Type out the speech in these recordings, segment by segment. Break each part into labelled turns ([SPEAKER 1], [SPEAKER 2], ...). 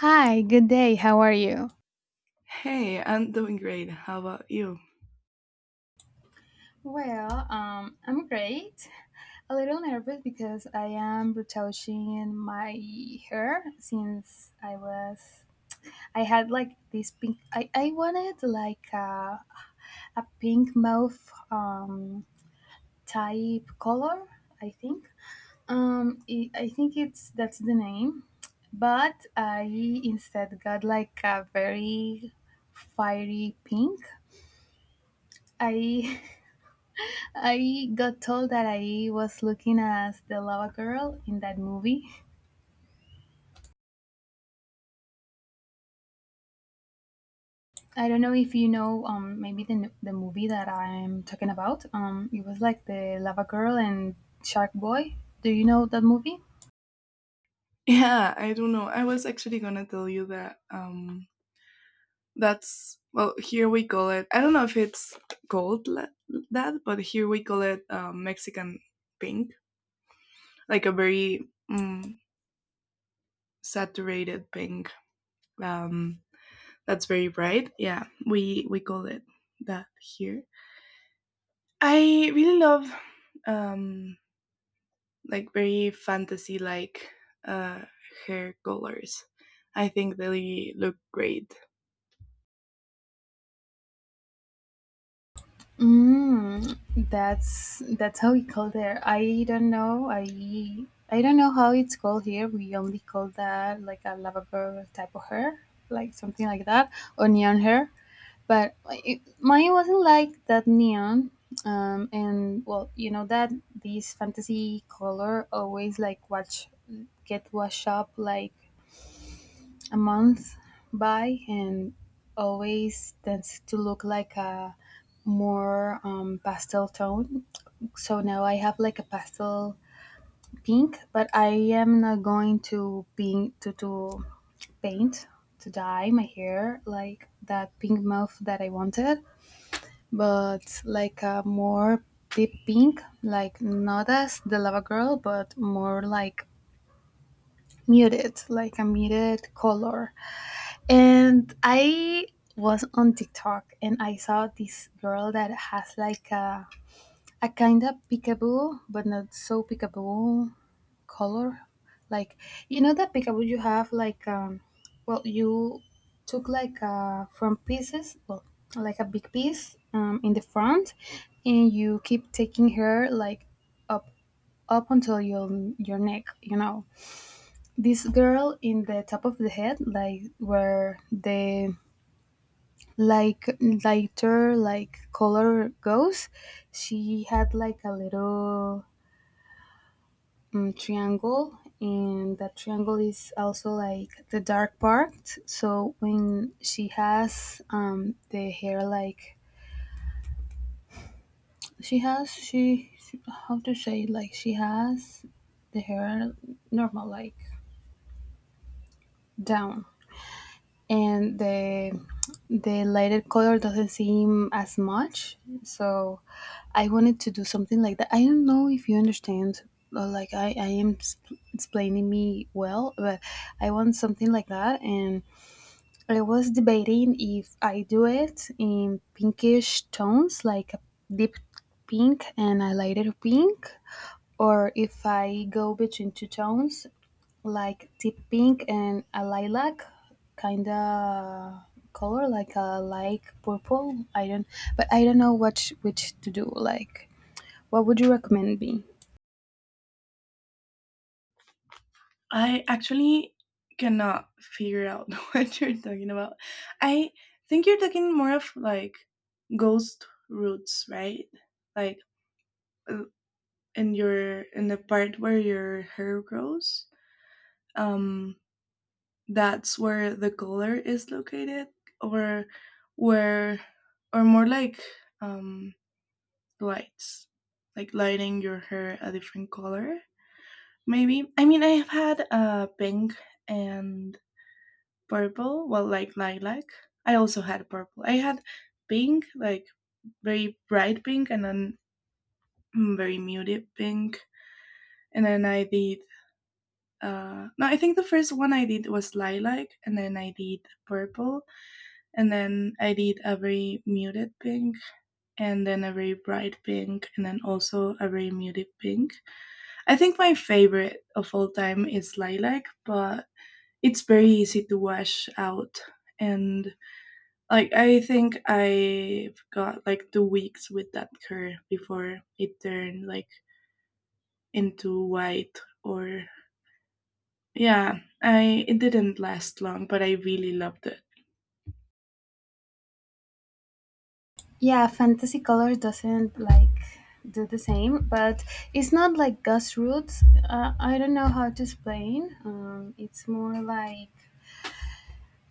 [SPEAKER 1] Hi, good day. How are you?
[SPEAKER 2] Hey, I'm doing great. How about you?
[SPEAKER 1] Well, I'm great. A little nervous because I am retouching my hair since I was I had like this pink, I wanted like a pink mauve um type color, I think. I think it's that's the name, but I instead got like a very fiery pink. I I got told that I was looking as the lava girl in that movie. I don't know if you know, maybe the movie that I'm talking about. It was like the lava girl and shark boy. Do you know that movie?
[SPEAKER 2] Yeah, I don't know. I was actually gonna tell you that that's well here we call it. I don't know if it's called that, but here we call it Mexican pink, like a very saturated pink. Um, that's very bright. Yeah, we call it that here. I really love um like very fantasy like uh, hair colors. I think they look great.
[SPEAKER 1] Mm, that's how we call there. I don't know. I don't know how it's called here. We only call that like a lava girl type of hair, like something like that, or neon hair. But like, it, mine wasn't like that neon, and, well, you know that this fantasy color always like watch get washed up like a month by, and always tends to look like a more pastel tone. So now I have like a pastel pink, but I am not going to pink to paint to dye my hair like that pink mauve that I wanted, but like a more deep pink, like not as the lava girl, but more like muted, like a muted color. And I was on TikTok and I saw this girl that has like a kind of peekaboo, but not so peekaboo color, like, you know that peekaboo you have like well, you took like from pieces, well like a big piece in the front, and you keep taking her like up up until your neck. This girl in the top of the head, like where the, like, lighter like color goes, she had like a little triangle, and that triangle is also like the dark part. So when she has the hair, like she has, she how to say, like she has the hair normal, like down, and the lighted color doesn't seem as much. So I wanted to do something like that. I don't know if you understand. Like I am explaining me well, but I want something like that. And I was debating if I do it in pinkish tones, like a deep pink and a lighter pink, or if I go between two tones, like deep pink and a lilac kind of color, like a light purple. I don't But I don't know which to do, like, what would you recommend me?
[SPEAKER 2] I actually cannot figure out what you're talking about. I think you're talking more of like ghost roots, right? Like uh, in your in the part where your hair grows. Um, that's where the color is located, or where, or more like um lights, like lighting your hair a different color. Maybe, I mean, I have had pink and purple, well like lilac. I also had purple. I had pink, like very bright pink, and then very muted pink. And then I did no, I think the first one I did was lilac, and then I did purple, and then I did a very muted pink, and then a very bright pink, and then also a very muted pink. I think my favorite of all time is lilac, but it's very easy to wash out. And like I think I've got like 2 weeks with that curl before it turned like into white. Or yeah, I it didn't last long, but I really loved it.
[SPEAKER 1] Yeah, fantasy colors doesn't like do the same, but it's not like grassroots. I don't know how to explain. It's more like,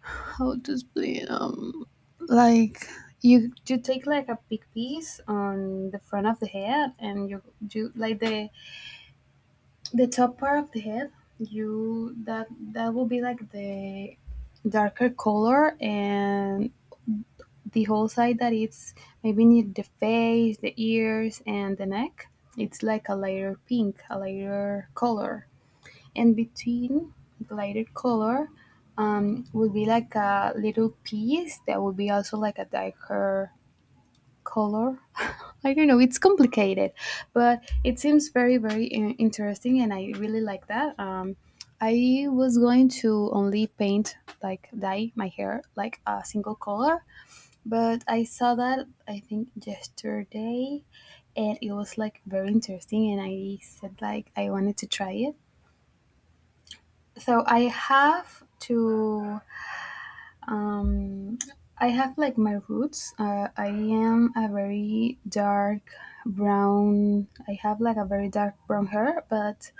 [SPEAKER 1] how to explain. Like, you take like a big piece on the front of the head, and you like the top part of the head. You that that will be like the darker color, and the whole side that it's maybe near the face, the ears, and the neck, it's like a lighter pink, a lighter color. And between the lighter color, would be like a little piece that would be also like a darker color. I don't know, it's complicated, but it seems very, very interesting, and I really like that. I was going to only paint, like, dye my hair like a single color, but I saw that I think yesterday, and it was like very interesting, and I said, like, I wanted to try it. So I have to um, like my roots. I am a very dark brown. I have like a very dark brown hair, but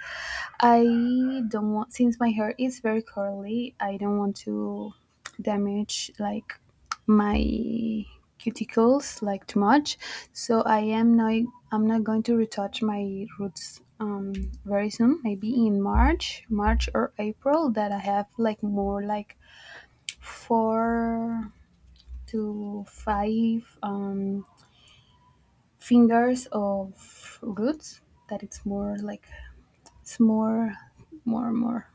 [SPEAKER 1] I don't want, since my hair is very curly. I don't want to damage like my cuticles like too much. So I am not. I'm not going to retouch my roots very soon. Maybe in March or April, that I have like more like four to five fingers of roots. That it's more like, it's more, more, more.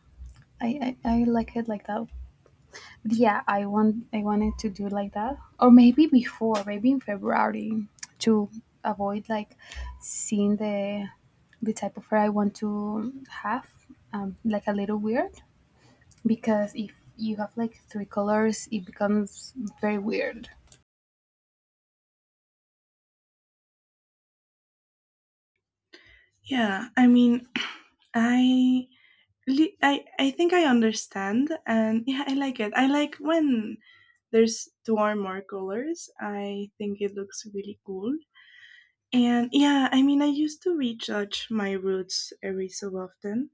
[SPEAKER 1] I like it like that. But yeah, I wanted to do like that, or maybe before, maybe in February, to avoid like seeing the type of hair I want to have, like a little weird. Because if you have like three colors, it becomes very weird.
[SPEAKER 2] Yeah, I mean, I I think I understand, and yeah, I like it. I like when there's two or more colors. I think it looks really cool. And yeah, I mean, I used to rejudge my roots every so often,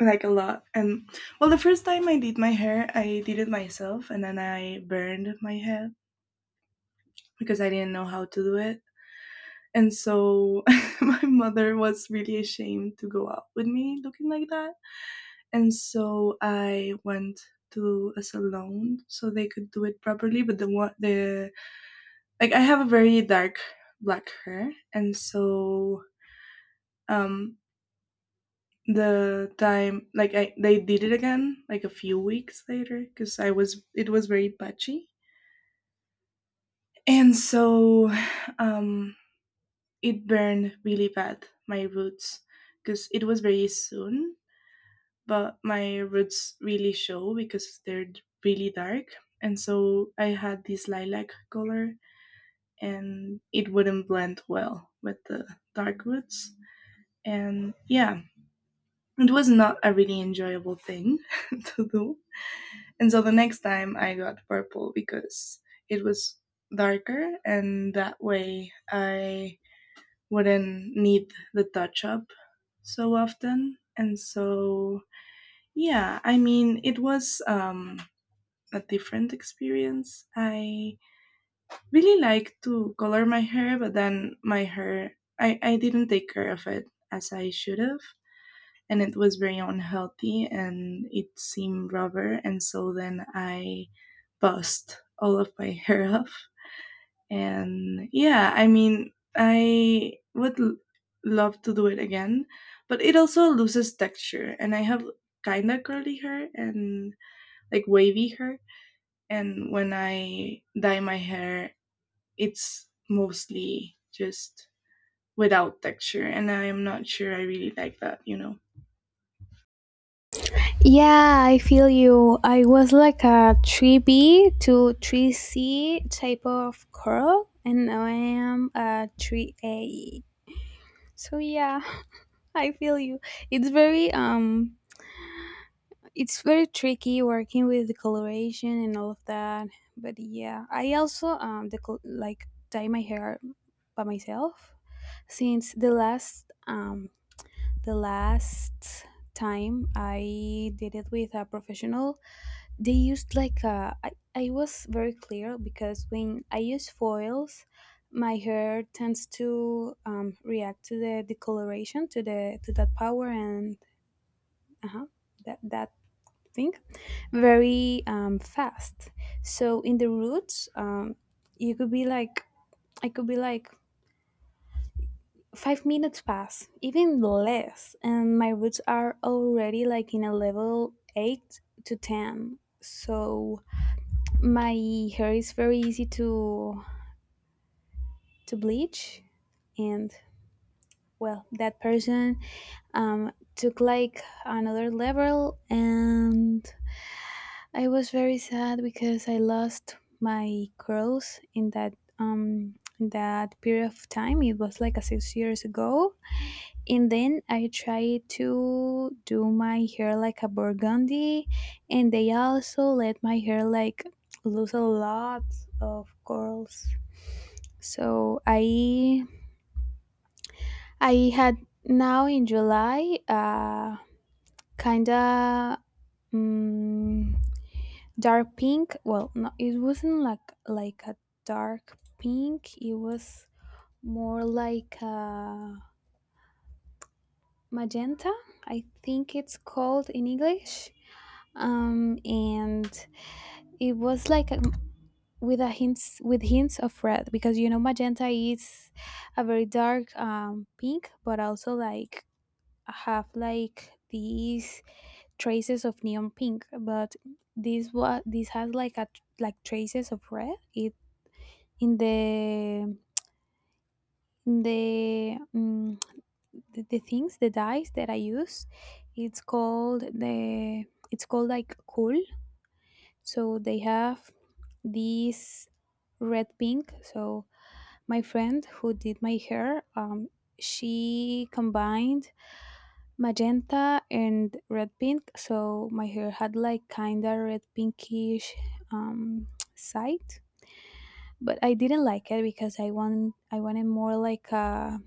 [SPEAKER 2] like a lot. And well, the first time I did my hair, I did it myself, and then I burned my head because I didn't know how to do it. And so my mother was really ashamed to go out with me looking like that. And so I went to a salon so they could do it properly. But the one, the like, I have a very dark black hair, and so um the time like I they did it again like a few weeks later because I was it was very patchy, and so um it burned really bad my roots because it was very soon, but my roots really show because they're really dark, and so I had this lilac color and it wouldn't blend well with the dark roots, and yeah, it was not a really enjoyable thing to do. And so the next time I got purple because it was darker, and that way I wouldn't need the touch up so often. And so, yeah, I mean, it was a different experience. I really like to color my hair, but then my hair, I didn't take care of it as I should have. And it was very unhealthy and it seemed rubber. And so then I bust all of my hair off. And yeah, I mean, I would love to do it again, but it also loses texture. And I have kind of curly hair and like wavy hair. And when I dye my hair, it's mostly just without texture, and I am not sure I really like that, you know.
[SPEAKER 1] Yeah, I feel you. I was like a 3B to 3C type of girl, and now I am a 3A. So yeah, I feel you. It's very um it's very tricky working with the coloration and all of that. But yeah, I also the like dye my hair by myself, since the last time I did it with a professional, they used like I was very clear, because when I use foils, my hair tends to react to the decoloration, to the to that power, and uh that thing very fast. So in the roots, you could be like I could be like 5 minutes pass, even less, and my roots are already like in a level 8 to 10. So my hair is very easy to bleach. And, well, that person took like another level, and I was very sad because I lost my curls in that period of time. It was like a 6 years ago. And then I try to do my hair like a burgundy, and they also let my hair like lose a lot of curls. So I had now in July kinda um, dark pink. Well, no, it wasn't like a dark pink. It was more like a magenta. I think it's called in English. And it was like with hints of red, because you know magenta is a very dark pink, but also like have like these traces of neon pink, but this, what this has like a like traces of red. It in the in the things, the dyes that I use, it's called the it's called like cool. So they have this red pink. So my friend who did my hair, she combined magenta and red pink. So my hair had like kinda red pinkish um, side, but I didn't like it, because I wanted more like a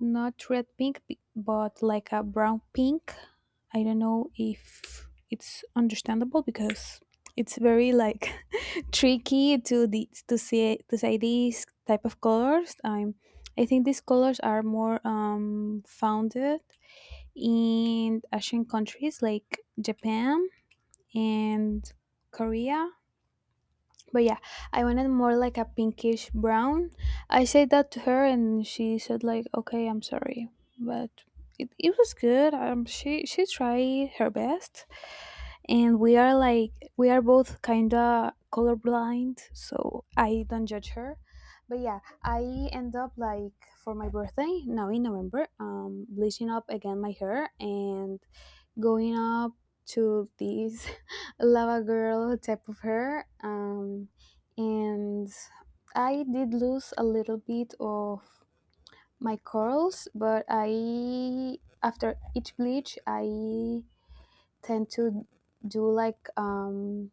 [SPEAKER 1] not red pink, but like a brown pink. I don't know if it's understandable, because it's very like tricky to see to say these type of colors. I think these colors are more founded in Asian countries like Japan and Korea. But yeah, I wanted more like a pinkish brown. I said that to her, and she said like, "Okay, I'm sorry," but it was good. She tried her best, and we are like, we are both kinda colorblind, so I don't judge her. But yeah, I end up like for my birthday now in November, bleaching up again my hair, and going up to this lava girl type of her, and I did lose a little bit of my curls, but I, after each bleach, I tend to do like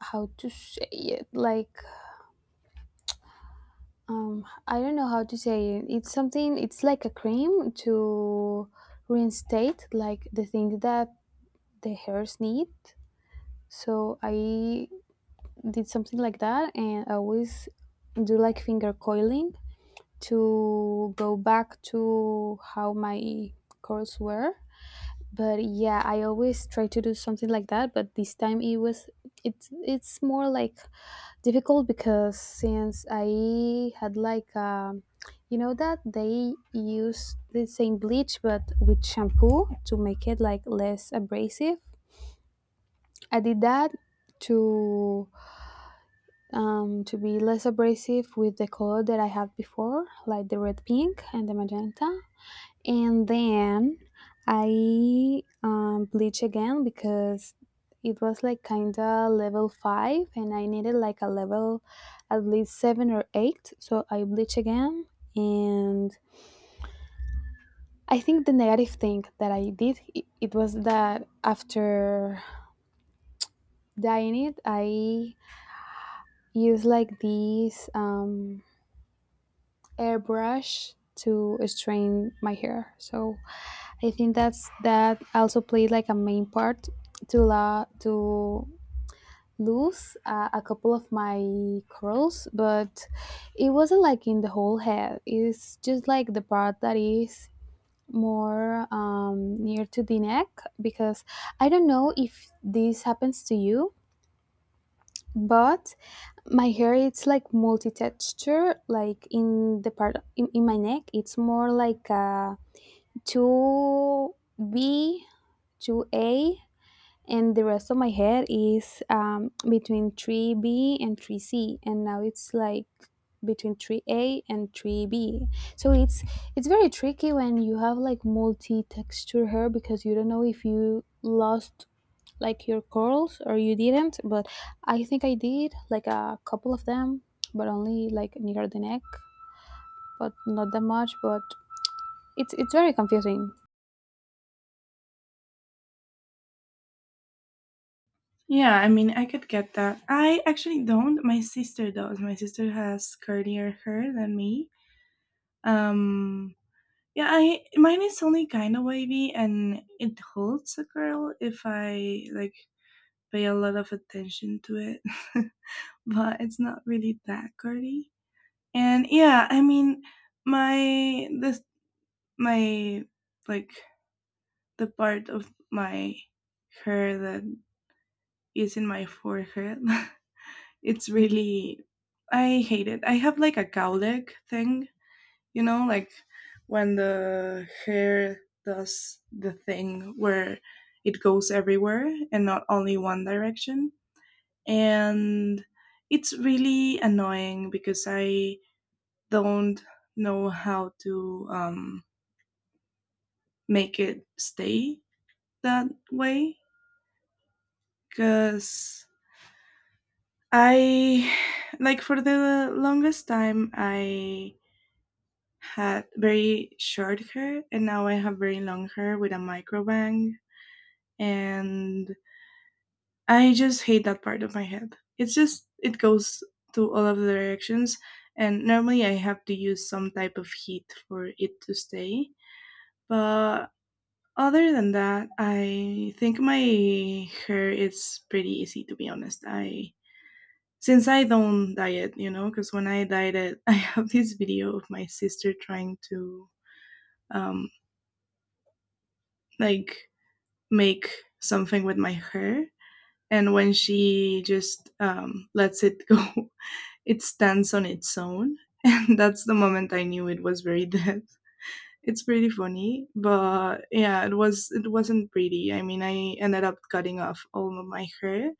[SPEAKER 1] how to say it, like I don't know how to say it. It's something, it's like a cream to reinstate like the things that the hairs need. So I did something like that, and I always do like finger coiling to go back to how my curls were. But yeah, I always try to do something like that. But this time it was it's more like difficult, because since I had like you know that they use the same bleach but with shampoo to make it like less abrasive. I did that to to be less abrasive with the color that I had before, like the red pink and the magenta. And then I bleach again, because it was like kind of level five, and I needed like a level at least seven or eight. So I bleach again. And I think the negative thing that I did it, it was that after dyeing it, I use like these. Airbrush to straighten my hair. So I think that's that also played like a main part to lose a couple of my curls, but it wasn't like in the whole head. It's just like the part that is more near to the neck. Because I don't know if this happens to you, but my hair it's like multi-texture, like in the part, in my neck, it's more like a 2B, 2A, and the rest of my hair is between 3B and 3C, and now it's like between 3A and 3B. So it's very tricky when you have like multi texture hair because you don't know if you lost like your curls or you didn't. But I think I did like a couple of them, but only like near the neck, but not that much. But it's very confusing.
[SPEAKER 2] Yeah, I mean, I could get that. I actually don't. My sister does. My sister has curlier hair than me. Um, yeah, I mine is only kind of wavy and it holds a curl if I like pay a lot of attention to it, but it's not really that girly. And yeah, I mean, my this my like the part of my hair that is in my forehead, it's really I hate it. I have like a cowlick thing, you know, like when the hair does the thing where it goes everywhere and not only one direction, and it's really annoying because I don't know how to make it stay that way, because I like for the longest time I had very short hair and now I have very long hair with a micro bang. And I just hate that part of my head. It's just it goes to all of the directions, and normally I have to use some type of heat for it to stay. But other than that, I think my hair is pretty easy, to be honest. I since I don't dye it, you know, because when I dyed it, I have this video of my sister trying to um like make something with my hair, and when she just lets it go it stands on its own. And that's the moment I knew it was very dead. It's pretty funny, but yeah, it was it wasn't pretty. I mean, I ended up cutting off all of my hair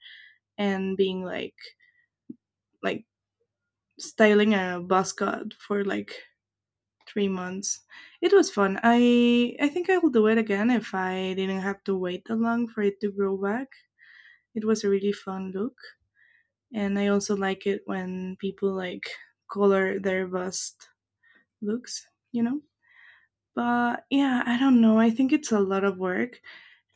[SPEAKER 2] and being like styling a buzz cut for like 3 months. It was fun. I think I will do it again if I didn't have to wait that long for it to grow back. It was a really fun look, and I also like it when people like color their bust looks. You know. But yeah, I don't know. I think it's a lot of work.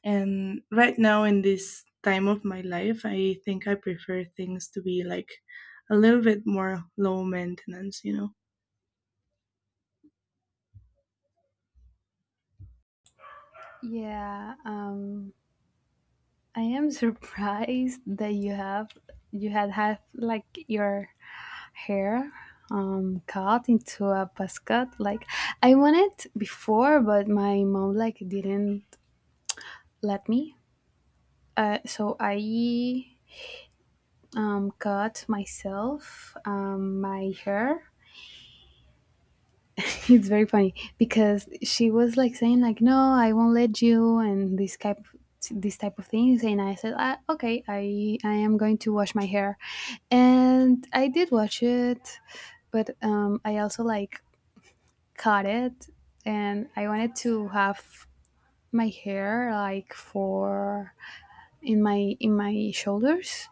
[SPEAKER 2] And right now, in this time of my life, I think I prefer things to be like a little bit more low maintenance, you know?
[SPEAKER 1] Yeah, I am surprised that you have you had like your hair cut into a basket. Like I wanted before, but my mom like didn't let me. So I cut myself my hair. It's very funny because she was like saying like, "No, I won't let you," and this type of things, and I said, ah, okay, I am going to wash my hair, and I did watch it, but I also like cut it, and I wanted to have my hair like for in my shoulders.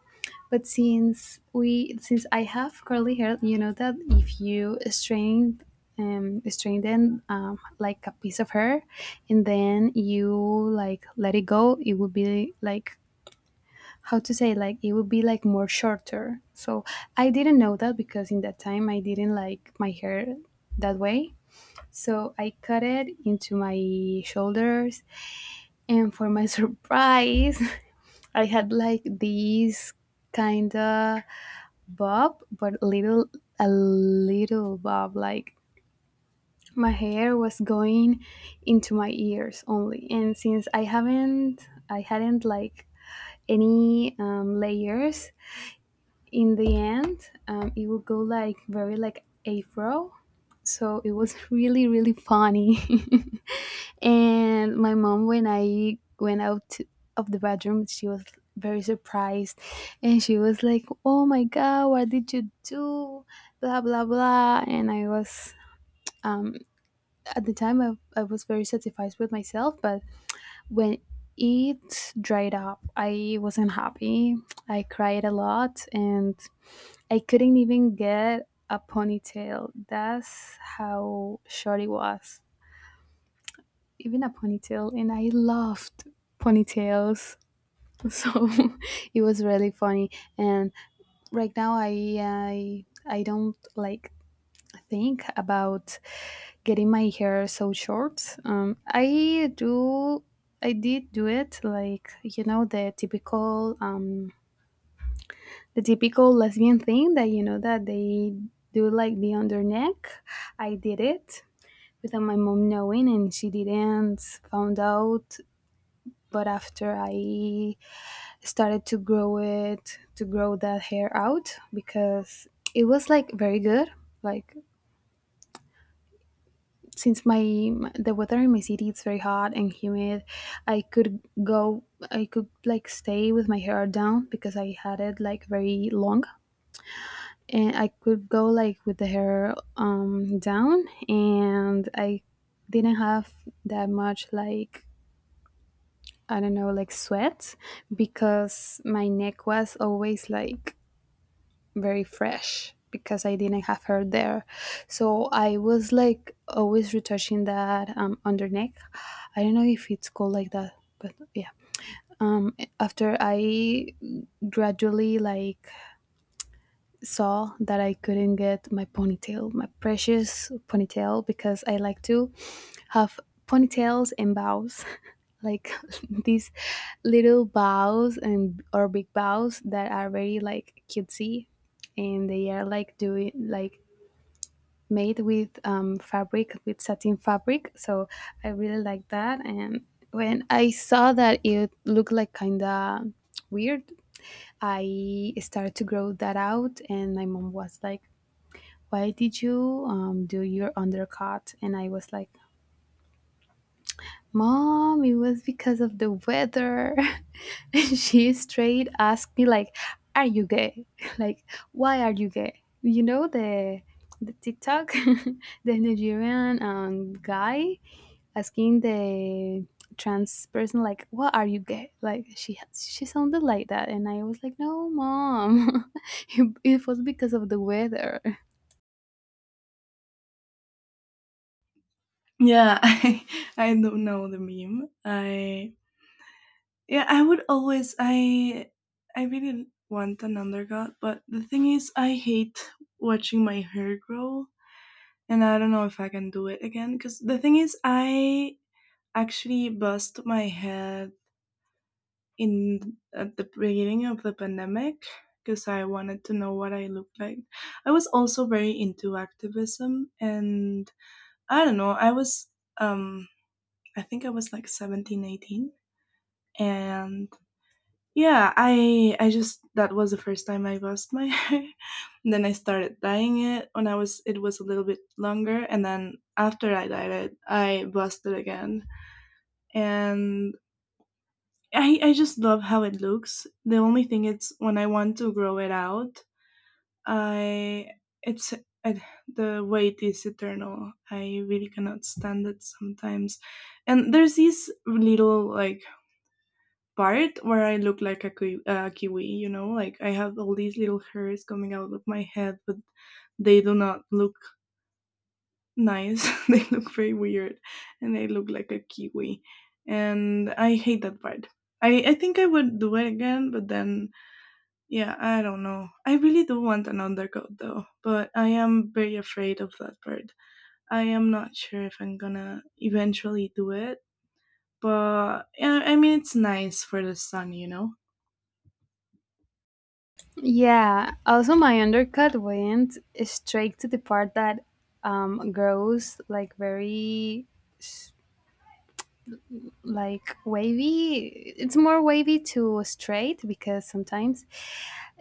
[SPEAKER 1] But since I have curly hair, you know that if you strain, strain them like a piece of hair, and then you like let it go, it would be like how to say, like it would be like more shorter. So I didn't know that because in that time I didn't like my hair that way. So I cut it into my shoulders, and for my surprise, I had like these kind of bob, but little a little bob. Like my hair was going into my ears only, and since I hadn't like any layers. In the end, it would go like very like afro. So it was really really funny. And my mom, when I went out to- of the bathroom, she was very surprised, and she was like, "Oh my god, what did you do?" Blah blah blah. And I was um, at the time I was very satisfied with myself, but when it dried up, I wasn't happy. I cried a lot, and I couldn't even get a ponytail. That's how short it was. Even a ponytail, and I loved ponytails. So it was really funny. And right now I don't like think about getting my hair so short. I do, I did do it like you know the typical the typical lesbian thing that you know that they do, like the under neck. I did it without my mom knowing, and she didn't found out. But after I started to grow it, to grow that hair out, because it was like very good. Like, since my the weather in my city it's very hot and humid, I could go, I could like stay with my hair down because I had it like very long, and I could go like with the hair down, and I didn't have that much like, I don't know, like sweat because my neck was always like very fresh because I didn't have hair there. So I was like always retouching that under neck. I don't know if it's called like that, but yeah. After I gradually like saw that I couldn't get my ponytail, my precious ponytail, because I like to have ponytails and bows, like these little bows and or big bows that are very like cutesy, and they are like doing like made with fabric, with satin fabric. So I really like that. And when I saw that it looked like kind of weird, I started to grow that out, and my mom was like, why did you do your undercut? And I was like, Mom, it was because of the weather. And she straight asked me like, Are you gay? Like, why are you gay? You know the TikTok, the Nigerian guy asking the trans person like, What are you gay? Like she sounded like that, and I was like, No, mom, it was because of the weather.
[SPEAKER 2] Yeah, I don't know the meme. Yeah, I would always, I really want an undercut, but the thing is, I hate watching my hair grow. And I don't know if I can do it again. Because the thing is, I actually bust my head in at the beginning of the pandemic because I wanted to know what I looked like. I was also very into activism and I don't know, I was um I think I was like 17, 18, and yeah, I just that was the first time I lost my hair. And then I started dyeing it when I was it was a little bit longer, and then after I dyed it, I busted again. And I just love how it looks. The only thing is when I want to grow it out, I it's I, the wait is eternal. I really cannot stand it sometimes. And there's this little like part where I look like a kiwi, you know, like I have all these little hairs coming out of my head, but they do not look nice. They look very weird, and I look like a kiwi, and I hate that part. I think I would do it again, but then yeah, I don't know. I really do want an undercoat though, but I am very afraid of that part. I am not sure if I'm gonna eventually do it, but yeah, I mean, it's nice for the sun, you know?
[SPEAKER 1] Yeah. Also, my undercut went straight to the part that grows like very s- like wavy. It's more wavy to straight because sometimes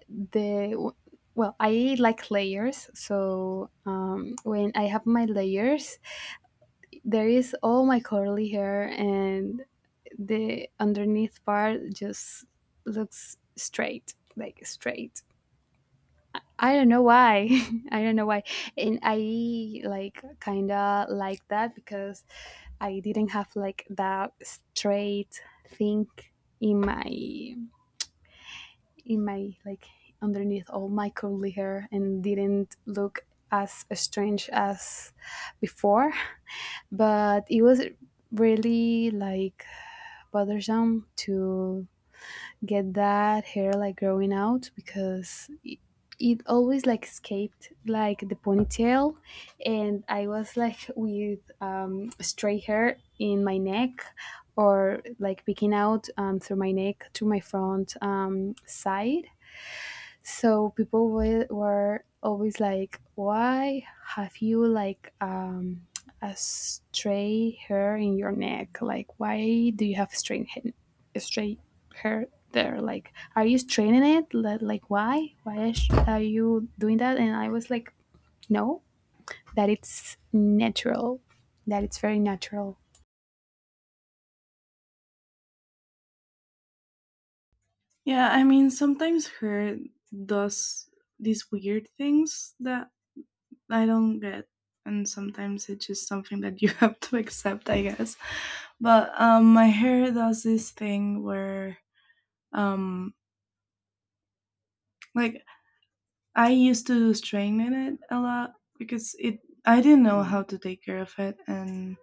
[SPEAKER 1] the, well, I like layers. So when I have my layers, there is all my curly hair, and the underneath part just looks straight, like straight. I don't know why. I don't know why. And I like kind of like that because I didn't have like that straight thing in my like underneath all my curly hair, and didn't look as strange as before, but it was really like bothersome to get that hair like growing out because it always like escaped like the ponytail, and I was like with straight hair in my neck or like peeking out through my neck to my front side. So people were always like, why have you like a straight hair in your neck, like why do you have straight hair, straight hair there, like are you straightening it, Li- like why are you doing that? And I was like, no, that it's natural, that it's very natural.
[SPEAKER 2] Yeah, I mean, sometimes her does these weird things that I don't get, and sometimes it's just something that you have to accept, I guess. But my hair does this thing where um, like I used to strengthen it a lot because it I didn't know how to take care of it, and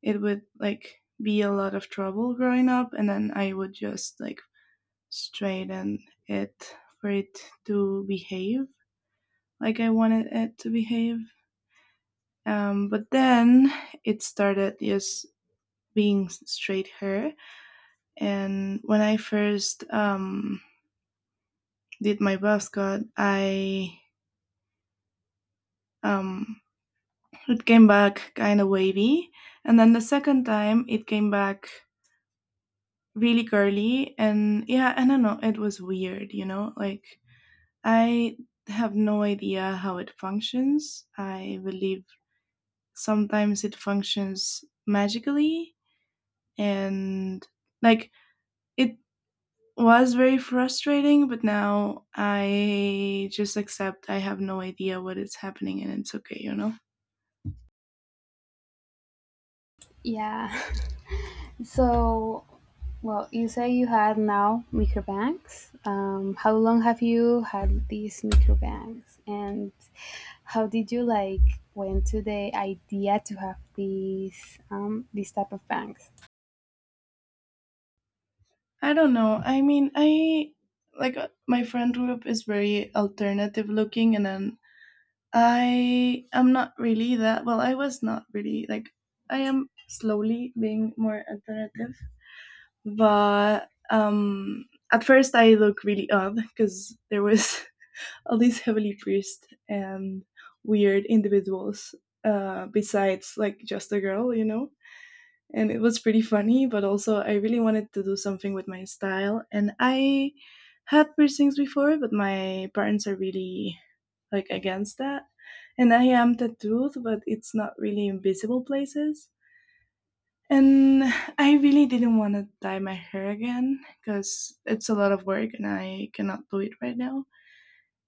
[SPEAKER 2] it would like be a lot of trouble growing up, and then I would just like straighten it for it to behave like I wanted it to behave. But then it started just being straight hair, and when I first did my buzz cut I um, it came back kind of wavy, and then the second time it came back really curly, and yeah, I don't know. It was weird, you know. Like I have no idea how it functions. I believe sometimes it functions magically, and like it was very frustrating, but now I just accept I have no idea what is happening, and it's okay, you know.
[SPEAKER 1] Yeah. So, well, you say you have now microbanks. How long have you had these microbanks, and how did you like went to the idea to have these type of banks?
[SPEAKER 2] I don't know. I mean, I like my friend group is very alternative looking, and then I am not really that. Well, I was not really like I am slowly being more alternative, but at first I look really odd because there was all these heavily priest and weird individuals besides like just a girl, you know. And it was pretty funny, but also I really wanted to do something with my style, and I had piercings before, but my parents are really like against that, and I am tattooed but it's not really in visible places, and I really didn't want to dye my hair again because it's a lot of work and I cannot do it right now.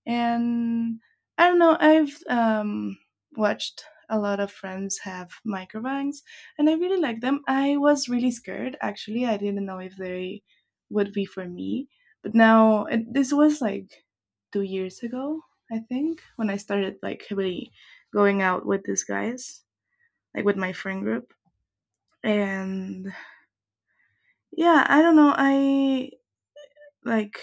[SPEAKER 2] And I don't know. I've watched a lot of friends have microbangs, and I really like them. I was really scared actually. I didn't know if they would be for me, but now it, this was like 2 years ago, I think, when I started like really going out with these guys, like with my friend group. And yeah, I don't know. I like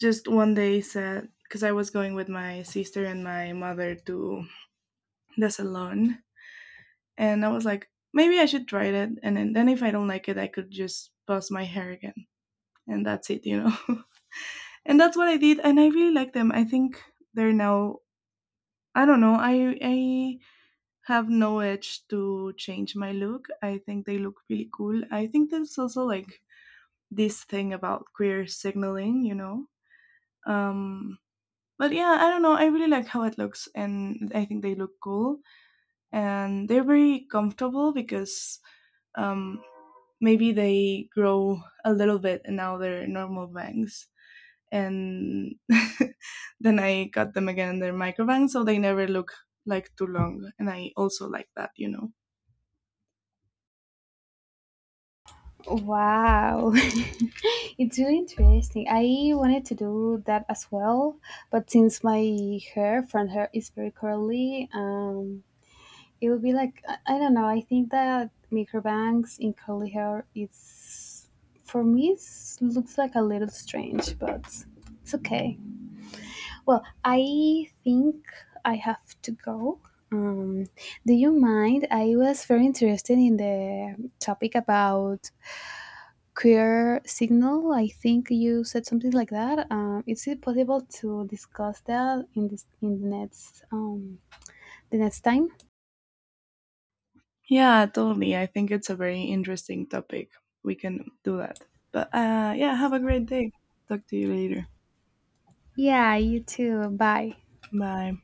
[SPEAKER 2] just one day said because I was going with my sister and my mother to the salon, and I was like maybe I should try it, and then if I don't like it I could just buzz my hair again and that's it, you know. And that's what I did, and I really like them. I think they're now, I don't know, i have no edge to change my look. I think they look really cool. I think there's also like this thing about queer signaling, you know. Um, but yeah, I don't know, I really like how it looks, and I think they look cool, and they're very comfortable because um maybe they grow a little bit and now they're normal bangs, and then I cut them again and they're microbangs, so they never look like too long, and I also like that, you know.
[SPEAKER 1] Wow, it's really interesting. I wanted to do that as well, but since my hair front hair is very curly, it would be like, I don't know. I think that microbangs in curly hair it's, for me it's, looks like a little strange, but it's okay. Well, I think I have to go. Um, do you mind? I was very interested in the topic about queer signal. I think you said something like that. Is it possible to discuss that in this in the next time?
[SPEAKER 2] Yeah, totally. I think it's a very interesting topic. We can do that. But yeah, have a great day. Talk to you later.
[SPEAKER 1] Yeah, you too. Bye.
[SPEAKER 2] Bye.